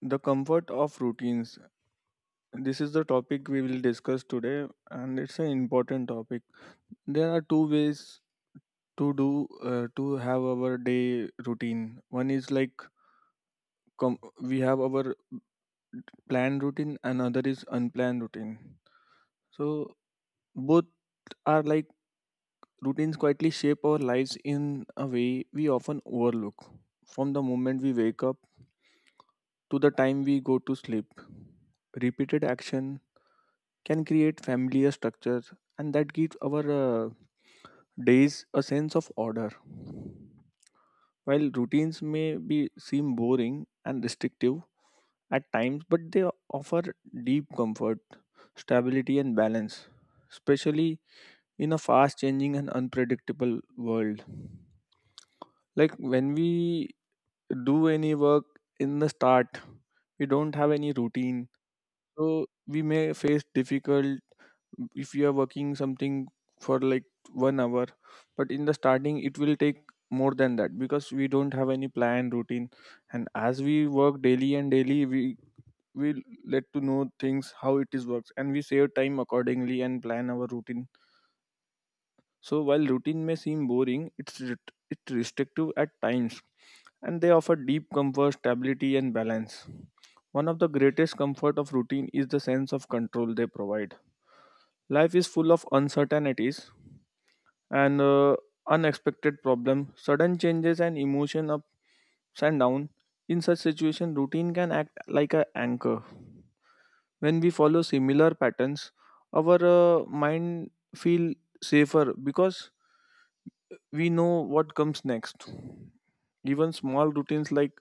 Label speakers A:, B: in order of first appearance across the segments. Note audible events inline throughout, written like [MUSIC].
A: The comfort of routines. This is the topic we will discuss today, and it's an important topic. There are two ways to do to have our day routine. One is like we have our planned routine, another is unplanned routine. So both are like routines quietly shape our lives in a way we often overlook. From the moment we wake up to the time we go to sleep, repeated action can create familiar structures, and that gives our days a sense of order. While routines may be seem boring and restrictive at times, but they offer deep comfort, stability, and balance, especially in a fast changing and unpredictable world. Like when we do any work in the start, we don't have any routine. So we may face difficult if you are working something for like 1 hour, but in the starting it will take more than that because we don't have any plan routine. And as we work daily and daily, we will let to know things how it is works, and we save time accordingly and plan our routine. So while routine may seem boring, it's restrictive at times, and they offer deep comfort, stability, and balance. One of the greatest comfort of routine is the sense of control they provide. Life is full of uncertainties and unexpected problems, sudden changes, and emotion ups and down. In such situation, routine can act like an anchor. When we follow similar patterns, our mind feel safer because we know what comes next. Even small routines like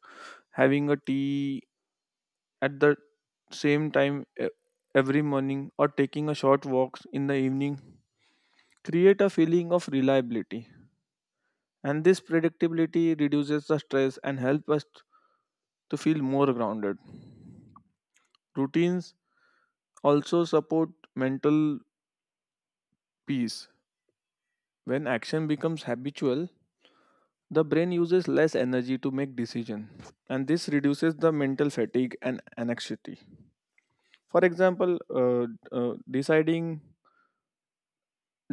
A: having a tea at the same time e- every morning or taking a short walks in the evening create a feeling of reliability. And this predictability reduces the stress and helps us to feel more grounded. Routines also support mental peace. When action becomes habitual, the brain uses less energy to make decisions, and this reduces the mental fatigue and anxiety. For example, deciding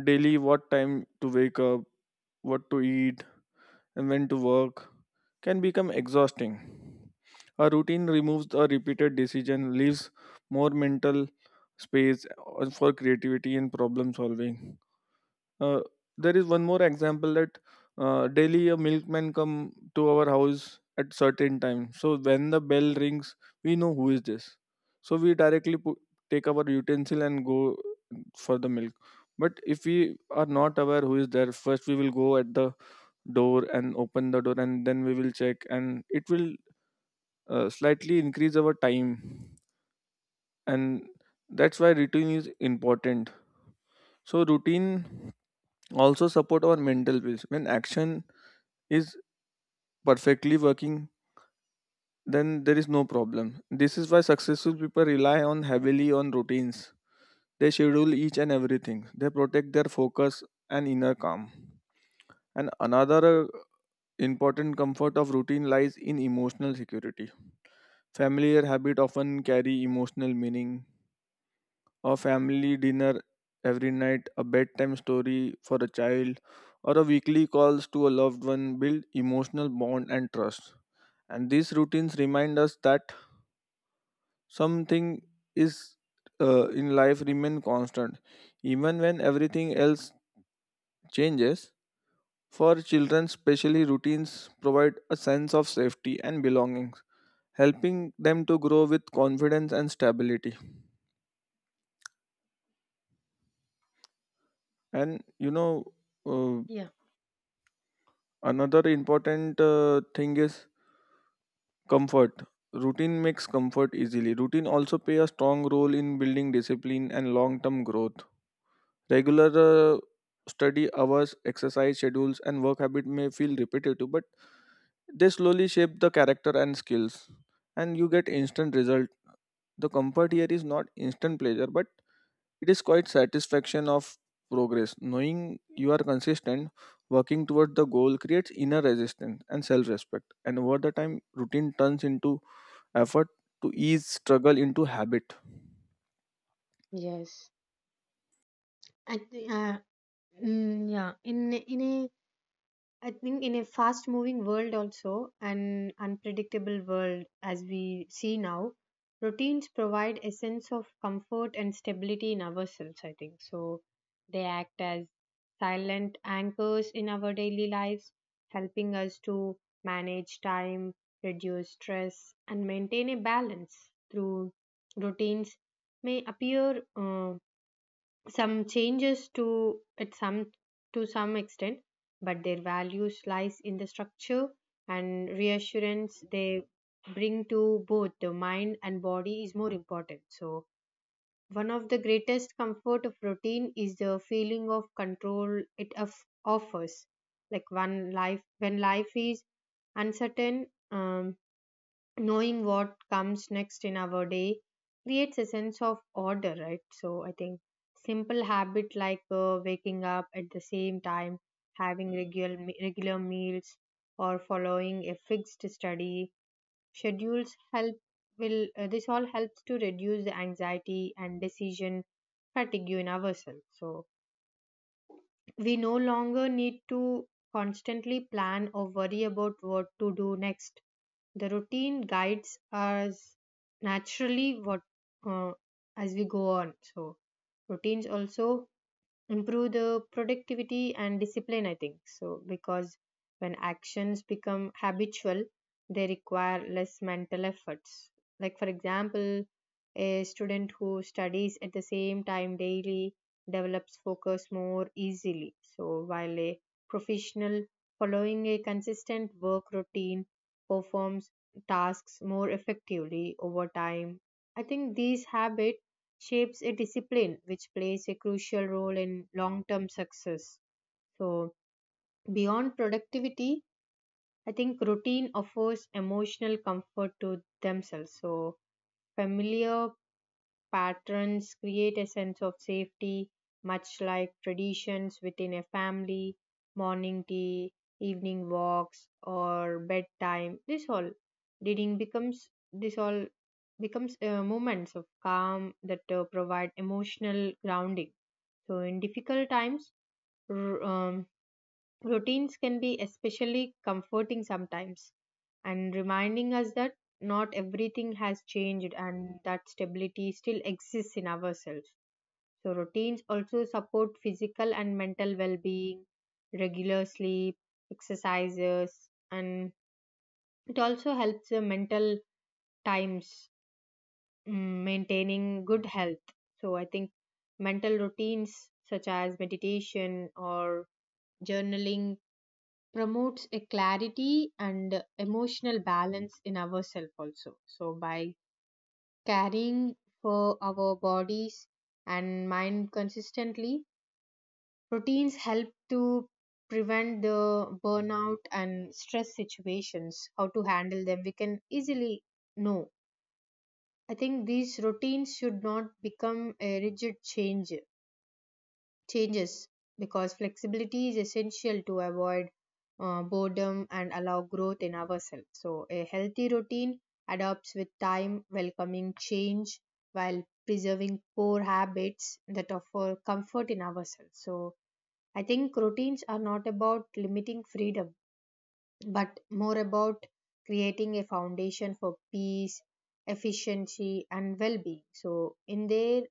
A: daily what time to wake up, what to eat, and when to work can become exhausting. A routine removes a repeated decision, leaves more mental space for creativity and problem solving. Uh, there is one more example that daily a milkman come to our house at certain time. So when the bell rings, we know who is this. So we directly put, take our utensil and go for the milk. But if we are not aware who is there, first we will go at the door and open the door and then we will check and it will slightly increase our time, and that's why routine is important. So routine also support our mental peace. When action is perfectly working, then there is no problem. This is why successful people rely on heavily on routines. They schedule each and everything, they protect their focus and inner calm. And another important comfort of routine lies in emotional security. Familiar habit often carry emotional meaning. A family dinner every night, a bedtime story for a child, or a weekly calls to a loved one build emotional bond and trust. And these routines remind us that something is in life remain constant, even when everything else changes. For children, especially routines provide a sense of safety and belonging, helping them to grow with confidence and stability. And uh,
B: Yeah.
A: another important thing is comfort. Routine makes comfort easily. Routine also play a strong role in building discipline and long-term growth. Regular study hours, exercise schedules, and work habit may feel repetitive, but they slowly shape the character and skills, and you get instant result. The comfort here is not instant pleasure, but it is quite satisfaction of progress. Knowing you are consistent, working toward the goal creates inner resistance and self-respect. And over the time, routine turns into effort to ease struggle into habit.
B: Yes. I think, mm, yeah, in a I think in a fast moving world, also an unpredictable world as we see now, routines provide a sense of comfort and stability in ourselves, I think so. They act as silent anchors in our daily lives, helping us to manage time, reduce stress, and maintain a balance through routines may appear. Some changes to at some to some extent, but their values lies in the structure and reassurance they bring to both the mind and body is more important. So one of the greatest comfort of routine is the feeling of control it offers, like one life when life is uncertain. um, Knowing what comes next in our day creates a sense of order, right? So I think simple habit like waking up at the same time, having regular meals or following a fixed study schedules help will, this all helps to reduce the anxiety and decision fatigue in ourselves. So we no longer need to constantly plan or worry about what to do next. The routine guides us naturally what, uh, as we go on. So routines also improve the productivity and discipline, I think so, because when actions become habitual, they require less mental efforts. Like for example, a student who studies at the same time daily develops focus more easily. So while a professional following a consistent work routine performs tasks more effectively over time, I think these habits shapes a discipline which plays a crucial role in long term success. So, beyond productivity, I think routine offers emotional comfort to themselves. So, familiar patterns create a sense of safety, much like traditions within a family, morning tea, evening walks, or bedtime. This all reading becomes, this all becomes moments of calm that provide emotional grounding. So, in difficult times, r- um, routines can be especially comforting sometimes, and reminding us that not everything has changed and that stability still exists in ourselves. So, routines also support physical and mental well being, regular sleep, exercises, and it also helps the mental times, maintaining good health. So, I think mental routines such as meditation or journaling promotes a clarity and emotional balance in ourselves also. So by caring for our bodies and mind consistently, routines help to prevent the burnout and stress situations, how to handle them we can easily know. I think these routines should not become a rigid change changes, because flexibility is essential to avoid boredom and allow growth in ourselves. So, a healthy routine adapts with time, welcoming change while preserving core habits that offer comfort in ourselves. So, I think routines are not about limiting freedom, but more about creating a foundation for peace, efficiency, and well being. So, in their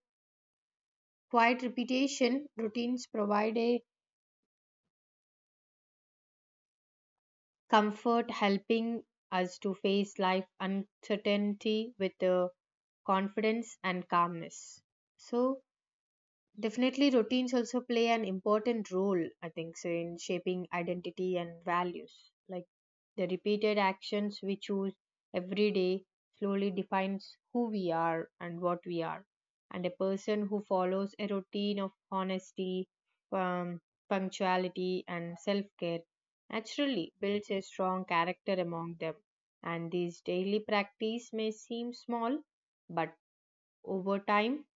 B: quiet repetition, routines provide a comfort helping us to face life uncertainty with confidence and calmness. So definitely, routines also play an important role, I think, so in shaping identity and values. Like the repeated actions we choose every day slowly defines who we are and what we are. And a person who follows a routine of honesty, um, punctuality, and self care naturally builds a strong character among them. And these daily practice may seem small, but over time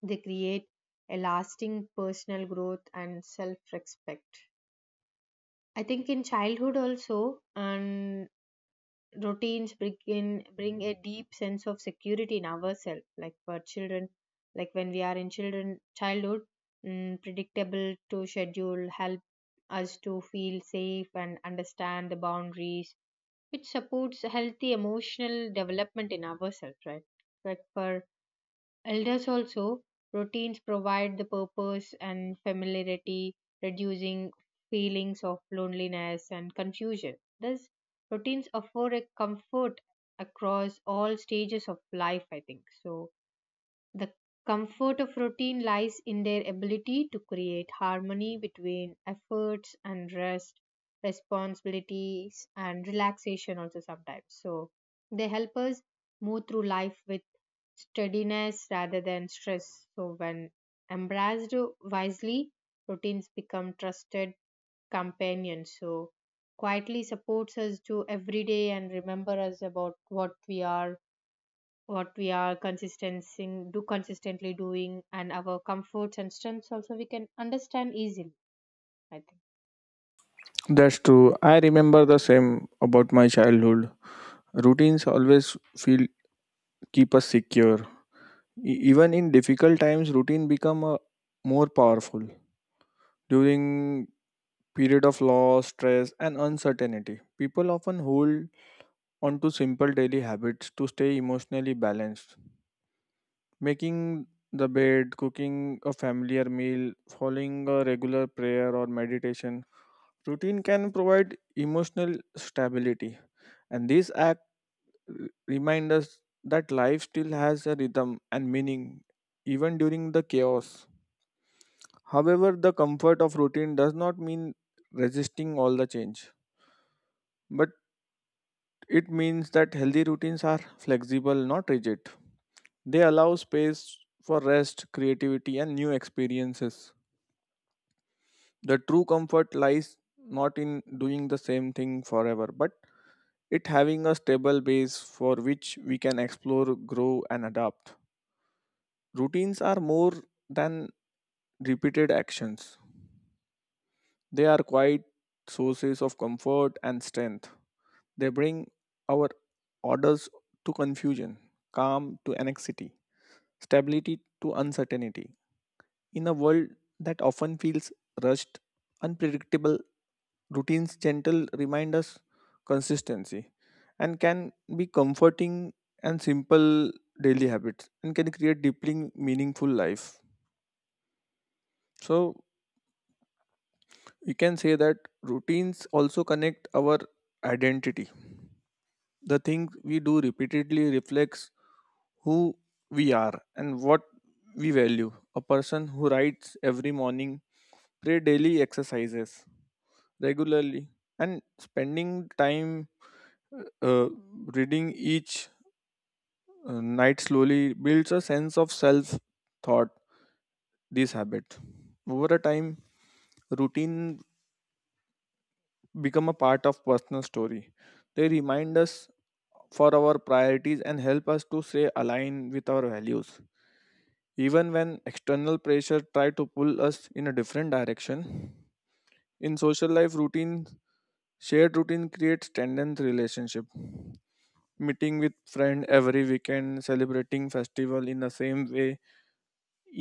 B: they create a lasting personal growth and self respect. I think in childhood also, and routines bring a deep sense of security in ourselves. Like for children, like when we are in children childhood, predictable to schedule help us to feel safe and understand the boundaries. It supports healthy emotional development in ourselves, right? Like for elders also, routines provide the purpose and familiarity, reducing feelings of loneliness and confusion. Thus, routines afford a comfort across all stages of life, I think. So, the comfort of routine lies in their ability to create harmony between efforts and rest, responsibilities and relaxation, also sometimes. So they help us move through life with steadiness rather than stress. So when embraced wisely, routines become trusted companions. So quietly supports us to every day and remember us about what we are consistency do consistently doing, and our comforts and strengths also we can understand easily, I think.
A: That's true. I remember the same about my childhood. Routines always feel keep us secure. Even in difficult times, routine become a more powerful during period of loss, stress, and uncertainty. People often hold onto simple daily habits to stay emotionally balanced. Making the bed, cooking a familiar meal, following a regular prayer or meditation routine can provide emotional stability. And these acts remind us that life still has a rhythm and meaning even during the chaos. However, the comfort of routine does not mean resisting all the change, but it means that healthy routines are flexible, not rigid. They allow space for rest, creativity, and new experiences. The true comfort lies not in doing the same thing forever, but it having a stable base for which we can explore, grow, and adapt. Routines are more than repeated actions. They are quiet sources of comfort and strength. They bring our orders to confusion, calm to anxiety, stability to uncertainty. In a world that often feels rushed, unpredictable, routine's gentle remind us consistency and can be comforting, and simple daily habits and can create deeply meaningful life. So we can say that routines also connect our identity. The things we do repeatedly reflects who we are and what we value. A person who writes every morning, pray daily exercises, regularly, and spending time uh, uh, reading each night slowly builds a sense of self thought this habit. Over a time, routine become a part of personal story. They remind us for our priorities and help us to stay aligned with our values, even when external pressure try to pull us in a different direction. In social life routine, shared routine creates tendon relationship, meeting with friend every weekend, celebrating festival in the same way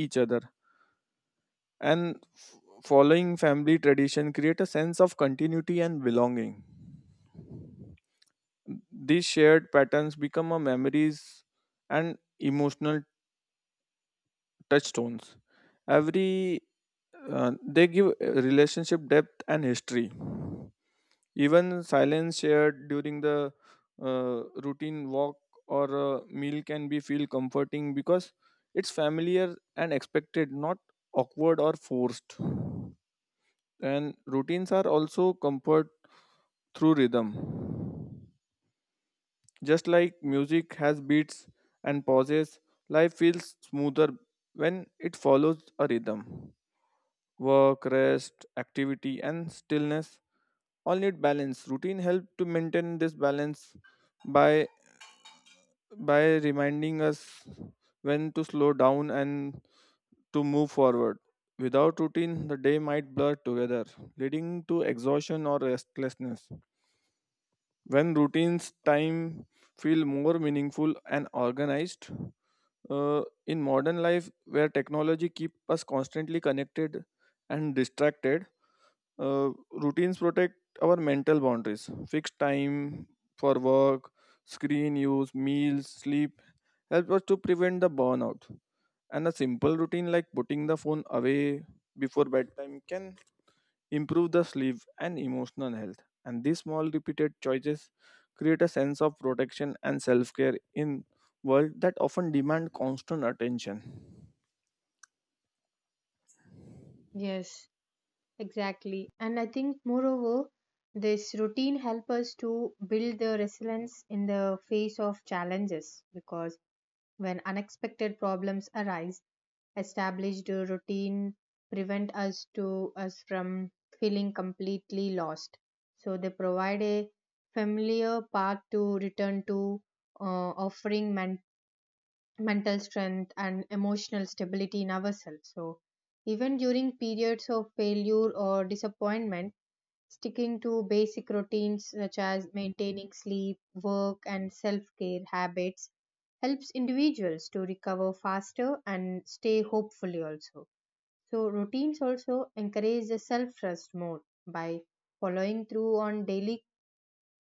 A: each other, and following family tradition create a sense of continuity and belonging. These shared patterns become a memories and emotional touchstones. Every They give relationship depth and history. Even silence shared during the routine walk or a meal can be feel comforting because it's familiar and expected, not awkward or forced. And routines are also comfort through rhythm. Just like music has beats and pauses, life feels smoother when it follows a rhythm. Work, rest, activity, and stillness all need balance. Routine help to maintain this balance by by reminding us when to slow down and to move forward. Without routine, the day might blur together, leading to exhaustion or restlessness. When routines, time feel more meaningful and organized. In modern life, where technology keep us constantly connected and distracted, routines protect our mental boundaries. Fixed time for work, screen use, meals, sleep help us to prevent the burnout. And a simple routine like putting the phone away before bedtime can improve the sleep and emotional health. And these small repeated choices create a sense of protection and self-care in world that often demand constant attention.
B: Yes, exactly, and I think moreover this routine help us to build the resilience in the face of challenges, because when unexpected problems arise, established routine prevent us from feeling completely lost. So they provide a familiar path to return to, offering mental strength and emotional stability in ourselves. So even during periods of failure or disappointment, sticking to basic routines such as maintaining sleep work and self-care habits helps individuals to recover faster and stay hopefully also. So, routines also encourage the self trust more. By following through on daily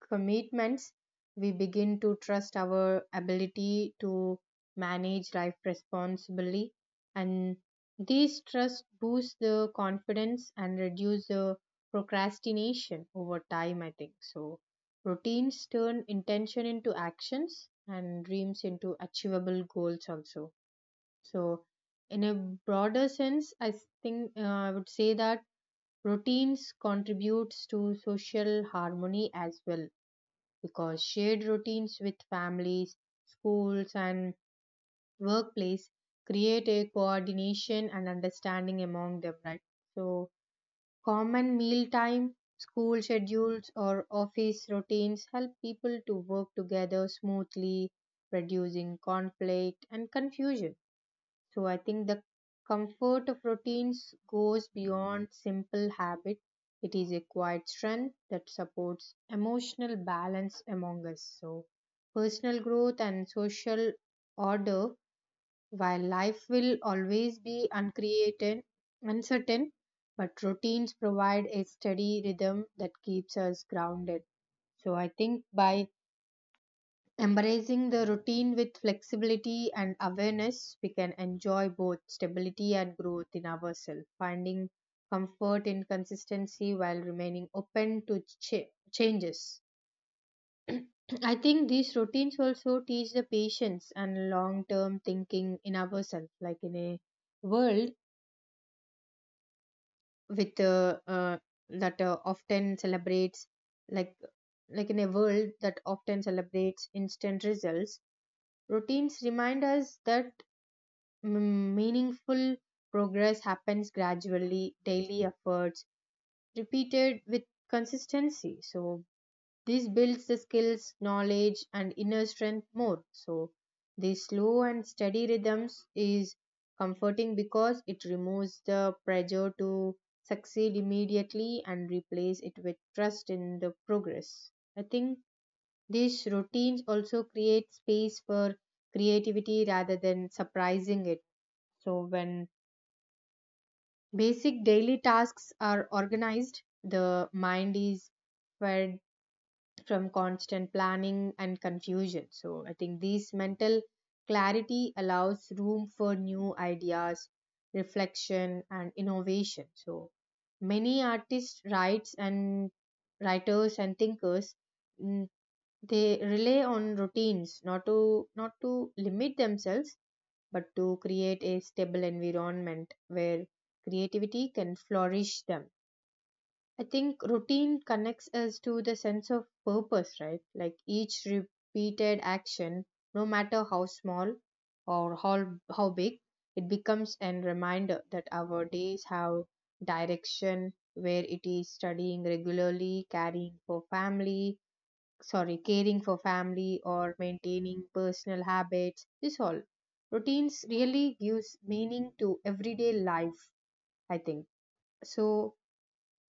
B: commitments, we begin to trust our ability to manage life responsibly. And these trust boosts the confidence and reduce the procrastination over time, I think. So, routines turn intention into actions and dreams into achievable goals also. So, in a broader sense, I think I would say that routines contributes to social harmony as well, because shared routines with families, schools, and workplace create a coordination and understanding among them, right? So, common mealtime, school schedules, or office routines help people to work together smoothly, reducing conflict and confusion. So I think the comfort of routines goes beyond simple habit. It is a quiet strength that supports emotional balance among us. So personal growth and social order, while life will always be uncreated, uncertain, but routines provide a steady rhythm that keeps us grounded. So I think by embracing the routine with flexibility and awareness, we can enjoy both stability and growth in ourselves, finding comfort in consistency while remaining open to changes. [CLEARS THROAT] I think these routines also teach the patience and long term thinking in ourselves, like in a world with that often celebrates, like like in a world that often celebrates instant results. Routines remind us that meaningful progress happens gradually, daily efforts repeated with consistency. So, this builds the skills, knowledge, and inner strength more. So, this slow and steady rhythms is comforting because it removes the pressure to succeed immediately and replace it with trust in the progress. I think these routines also create space for creativity rather than surprising it. So, when basic daily tasks are organized, the mind is fed from constant planning and confusion. So, I think this mental clarity allows room for new ideas, reflection, and innovation. So, many artists, writes and writers and thinkers mm, they rely on routines not to limit themselves, but to create a stable environment where creativity can flourish them. I think routine connects us to the sense of purpose, right? Like each repeated action, no matter how small or how big, it becomes a reminder that our days have direction, where it is studying regularly, caring for family or maintaining personal habits, this all. Routines really gives meaning to everyday life, I think. So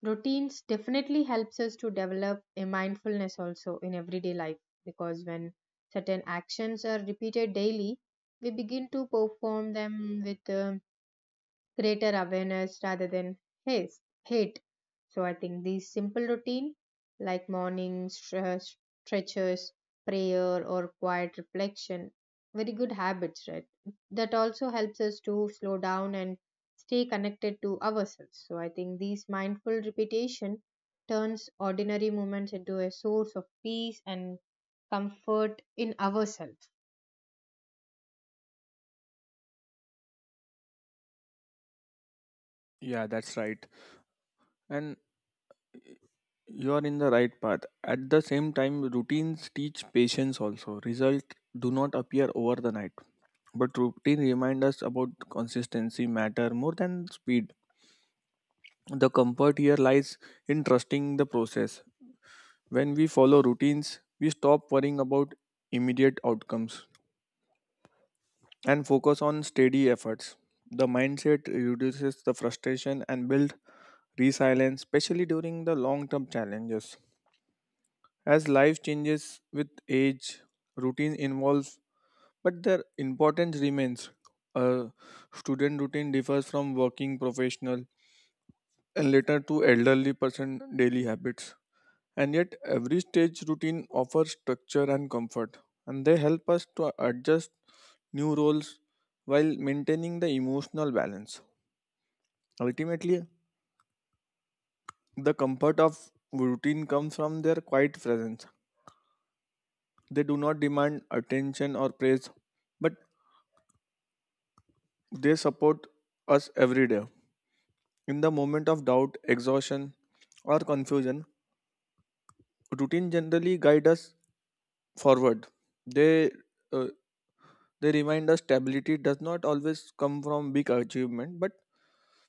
B: routines definitely helps us to develop a mindfulness also in everyday life, because when certain actions are repeated daily, we begin to perform them with greater awareness rather than haste, hate. So I think these simple routine like morning stretches, prayer or quiet reflection, very good habits, right? That also helps us to slow down and stay connected to ourselves. So I think these mindful repetition turns ordinary moments into a source of peace and comfort in ourselves.
A: Yeah, that's right. And you are in the right path. At the same time, routines teach patience also. Results do not appear over the night, but routine remind us about consistency matter more than speed. The comfort here lies in trusting the process. When we follow routines, we stop worrying about immediate outcomes and focus on steady efforts. The mindset reduces the frustration and build resilience, especially during the long-term challenges. As life changes with age, routine evolves, but their importance remains. A student routine differs from working professional, and later to elderly person daily habits. And yet every stage routine offers structure and comfort, and they help us to adjust new roles while maintaining the emotional balance. Ultimately, the comfort of routine comes from their quiet presence. They do not demand attention or praise, but they support us every day. In the moment of doubt, exhaustion, or confusion, routine generally guide us forward. They uh, they remind us stability does not always come from big achievement, but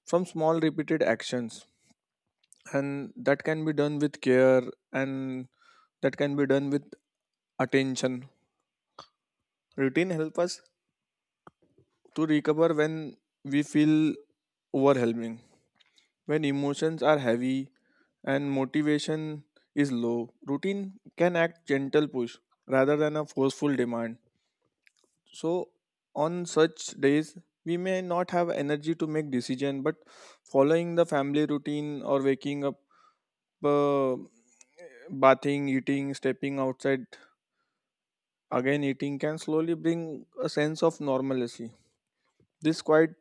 A: from small repeated actions, and that can be done with care, and that can be done with attention. Routine help us to recover when we feel overwhelming. When emotions are heavy, and motivation is low, routine can act gentle push rather than a forceful demand. So on such days, we may not have energy to make decision, but following the family routine or waking up, uh, bathing, eating, stepping outside, again eating can slowly bring a sense of normalcy. This quiet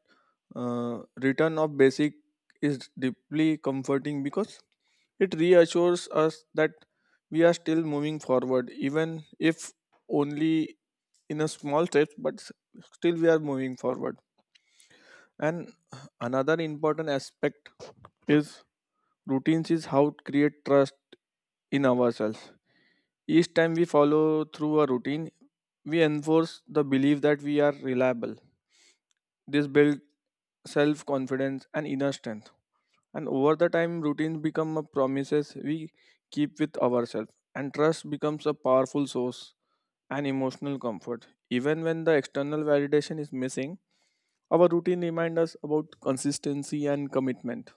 A: return of basic is deeply comforting because it reassures us that we are still moving forward, even if only in a small steps, but still we are moving forward. And another important aspect is routines is how to create trust in ourselves. Each time we follow through a routine, we enforce the belief that we are reliable. This builds self confidence and inner strength. And over the time, routines become a promises we keep with ourselves, and trust becomes a powerful source and emotional comfort. Even when the external validation is missing, our routine reminds us about consistency and commitment.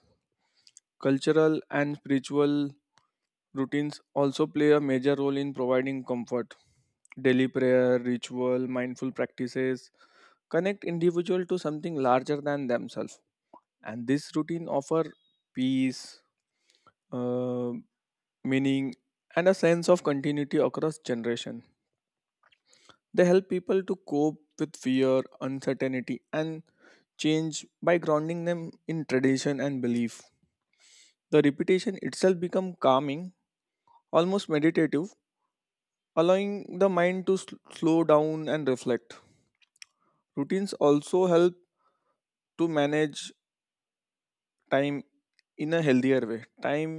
A: Cultural and spiritual routines also play a major role in providing comfort. Daily prayer, ritual, mindful practices connect individual to something larger than themselves, and this routine offer peace, uh, meaning, and a sense of continuity across generation. They help people to cope with fear, uncertainty, and change by grounding them in tradition and belief. The repetition itself becomes calming, almost meditative, allowing the mind to slow down and reflect. Routines also help to manage time in a healthier way. Time,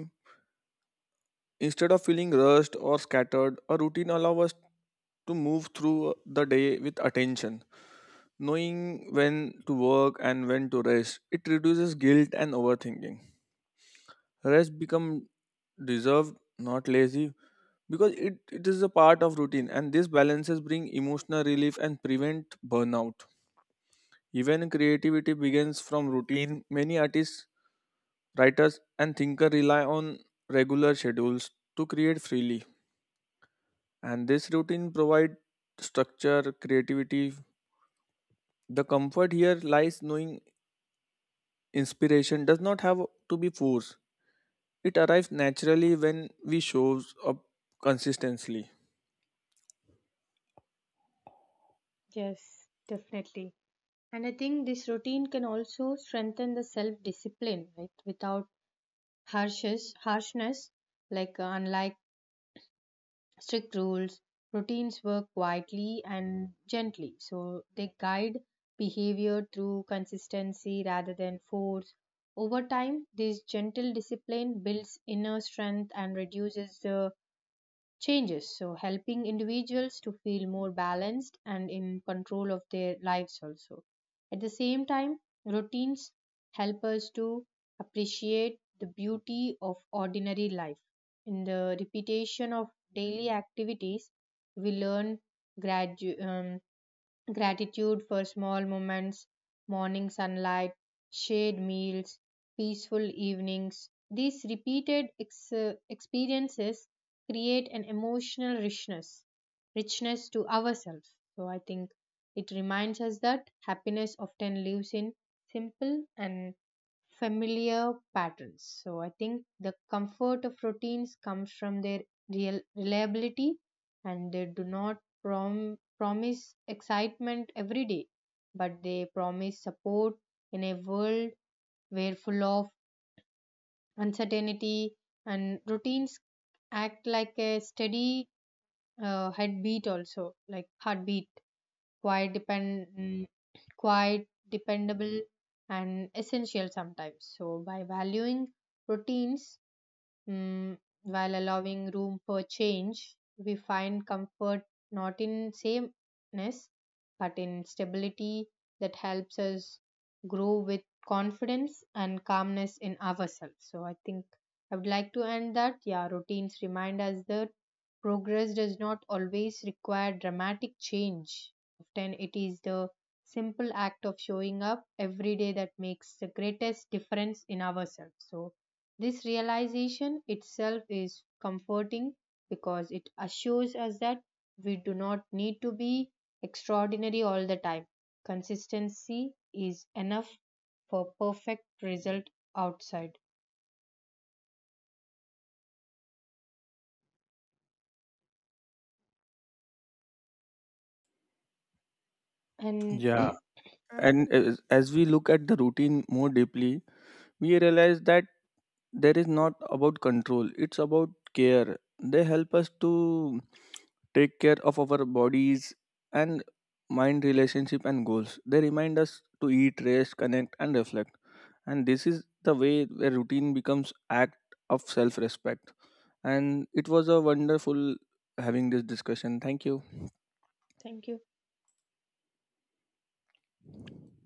A: instead of feeling rushed or scattered, a routine allows us to move through the day with attention, knowing when to work and when to rest. It reduces guilt and overthinking. Rest become deserved, not lazy, because it is a part of routine, and these balances bring emotional relief and prevent burnout. Even creativity begins from routine. Many artists, writers and thinkers rely on regular schedules to create freely. And this routine provide structure, creativity. The comfort here lies knowing inspiration does not have to be forced. It arrives naturally when we show up consistently.
B: Yes, definitely. And I think this routine can also strengthen the self discipline, right? Without harshness, like unlike strict rules, routines work quietly and gently. So they guide behavior through consistency rather than force. Over time, this gentle discipline builds inner strength and reduces the changes. So, helping individuals to feel more balanced and in control of their lives also. At the same time, routines help us to appreciate the beauty of ordinary life. In the repetition of daily activities, we learn gradu- um, gratitude for small moments, morning sunlight, shared meals, peaceful evenings. These repeated experiences create an emotional richness to ourselves. So I think it reminds us that happiness often lives in simple and familiar patterns. So I think the comfort of routines comes from their real reliability, and they do not promise excitement every day, but they promise support in a world where full of uncertainty, and routines act like a steady heartbeat, also like heartbeat quiet quiet, dependable, and essential sometimes. So, by valuing routines, while allowing room for change, we find comfort not in sameness but in stability that helps us grow with confidence and calmness in ourselves. So, I think I would like to end that. Yeah, routines remind us that progress does not always require dramatic change. Often, it is the simple act of showing up every day that makes the greatest difference in ourselves. So, this realization itself is comforting because it assures us that we do not need to be extraordinary all the time. Consistency is enough for perfect result outside. And
A: Yeah,
B: [CLEARS THROAT]
A: and as we look at the routine more deeply, we realize that there is not about control. It's about care. They help us to take care of our bodies and mind relationship and goals. They remind us to eat, rest, connect, and reflect. And this is the way where routine becomes act of self-respect. And it was a wonderful having this discussion, thank you.
B: thank you.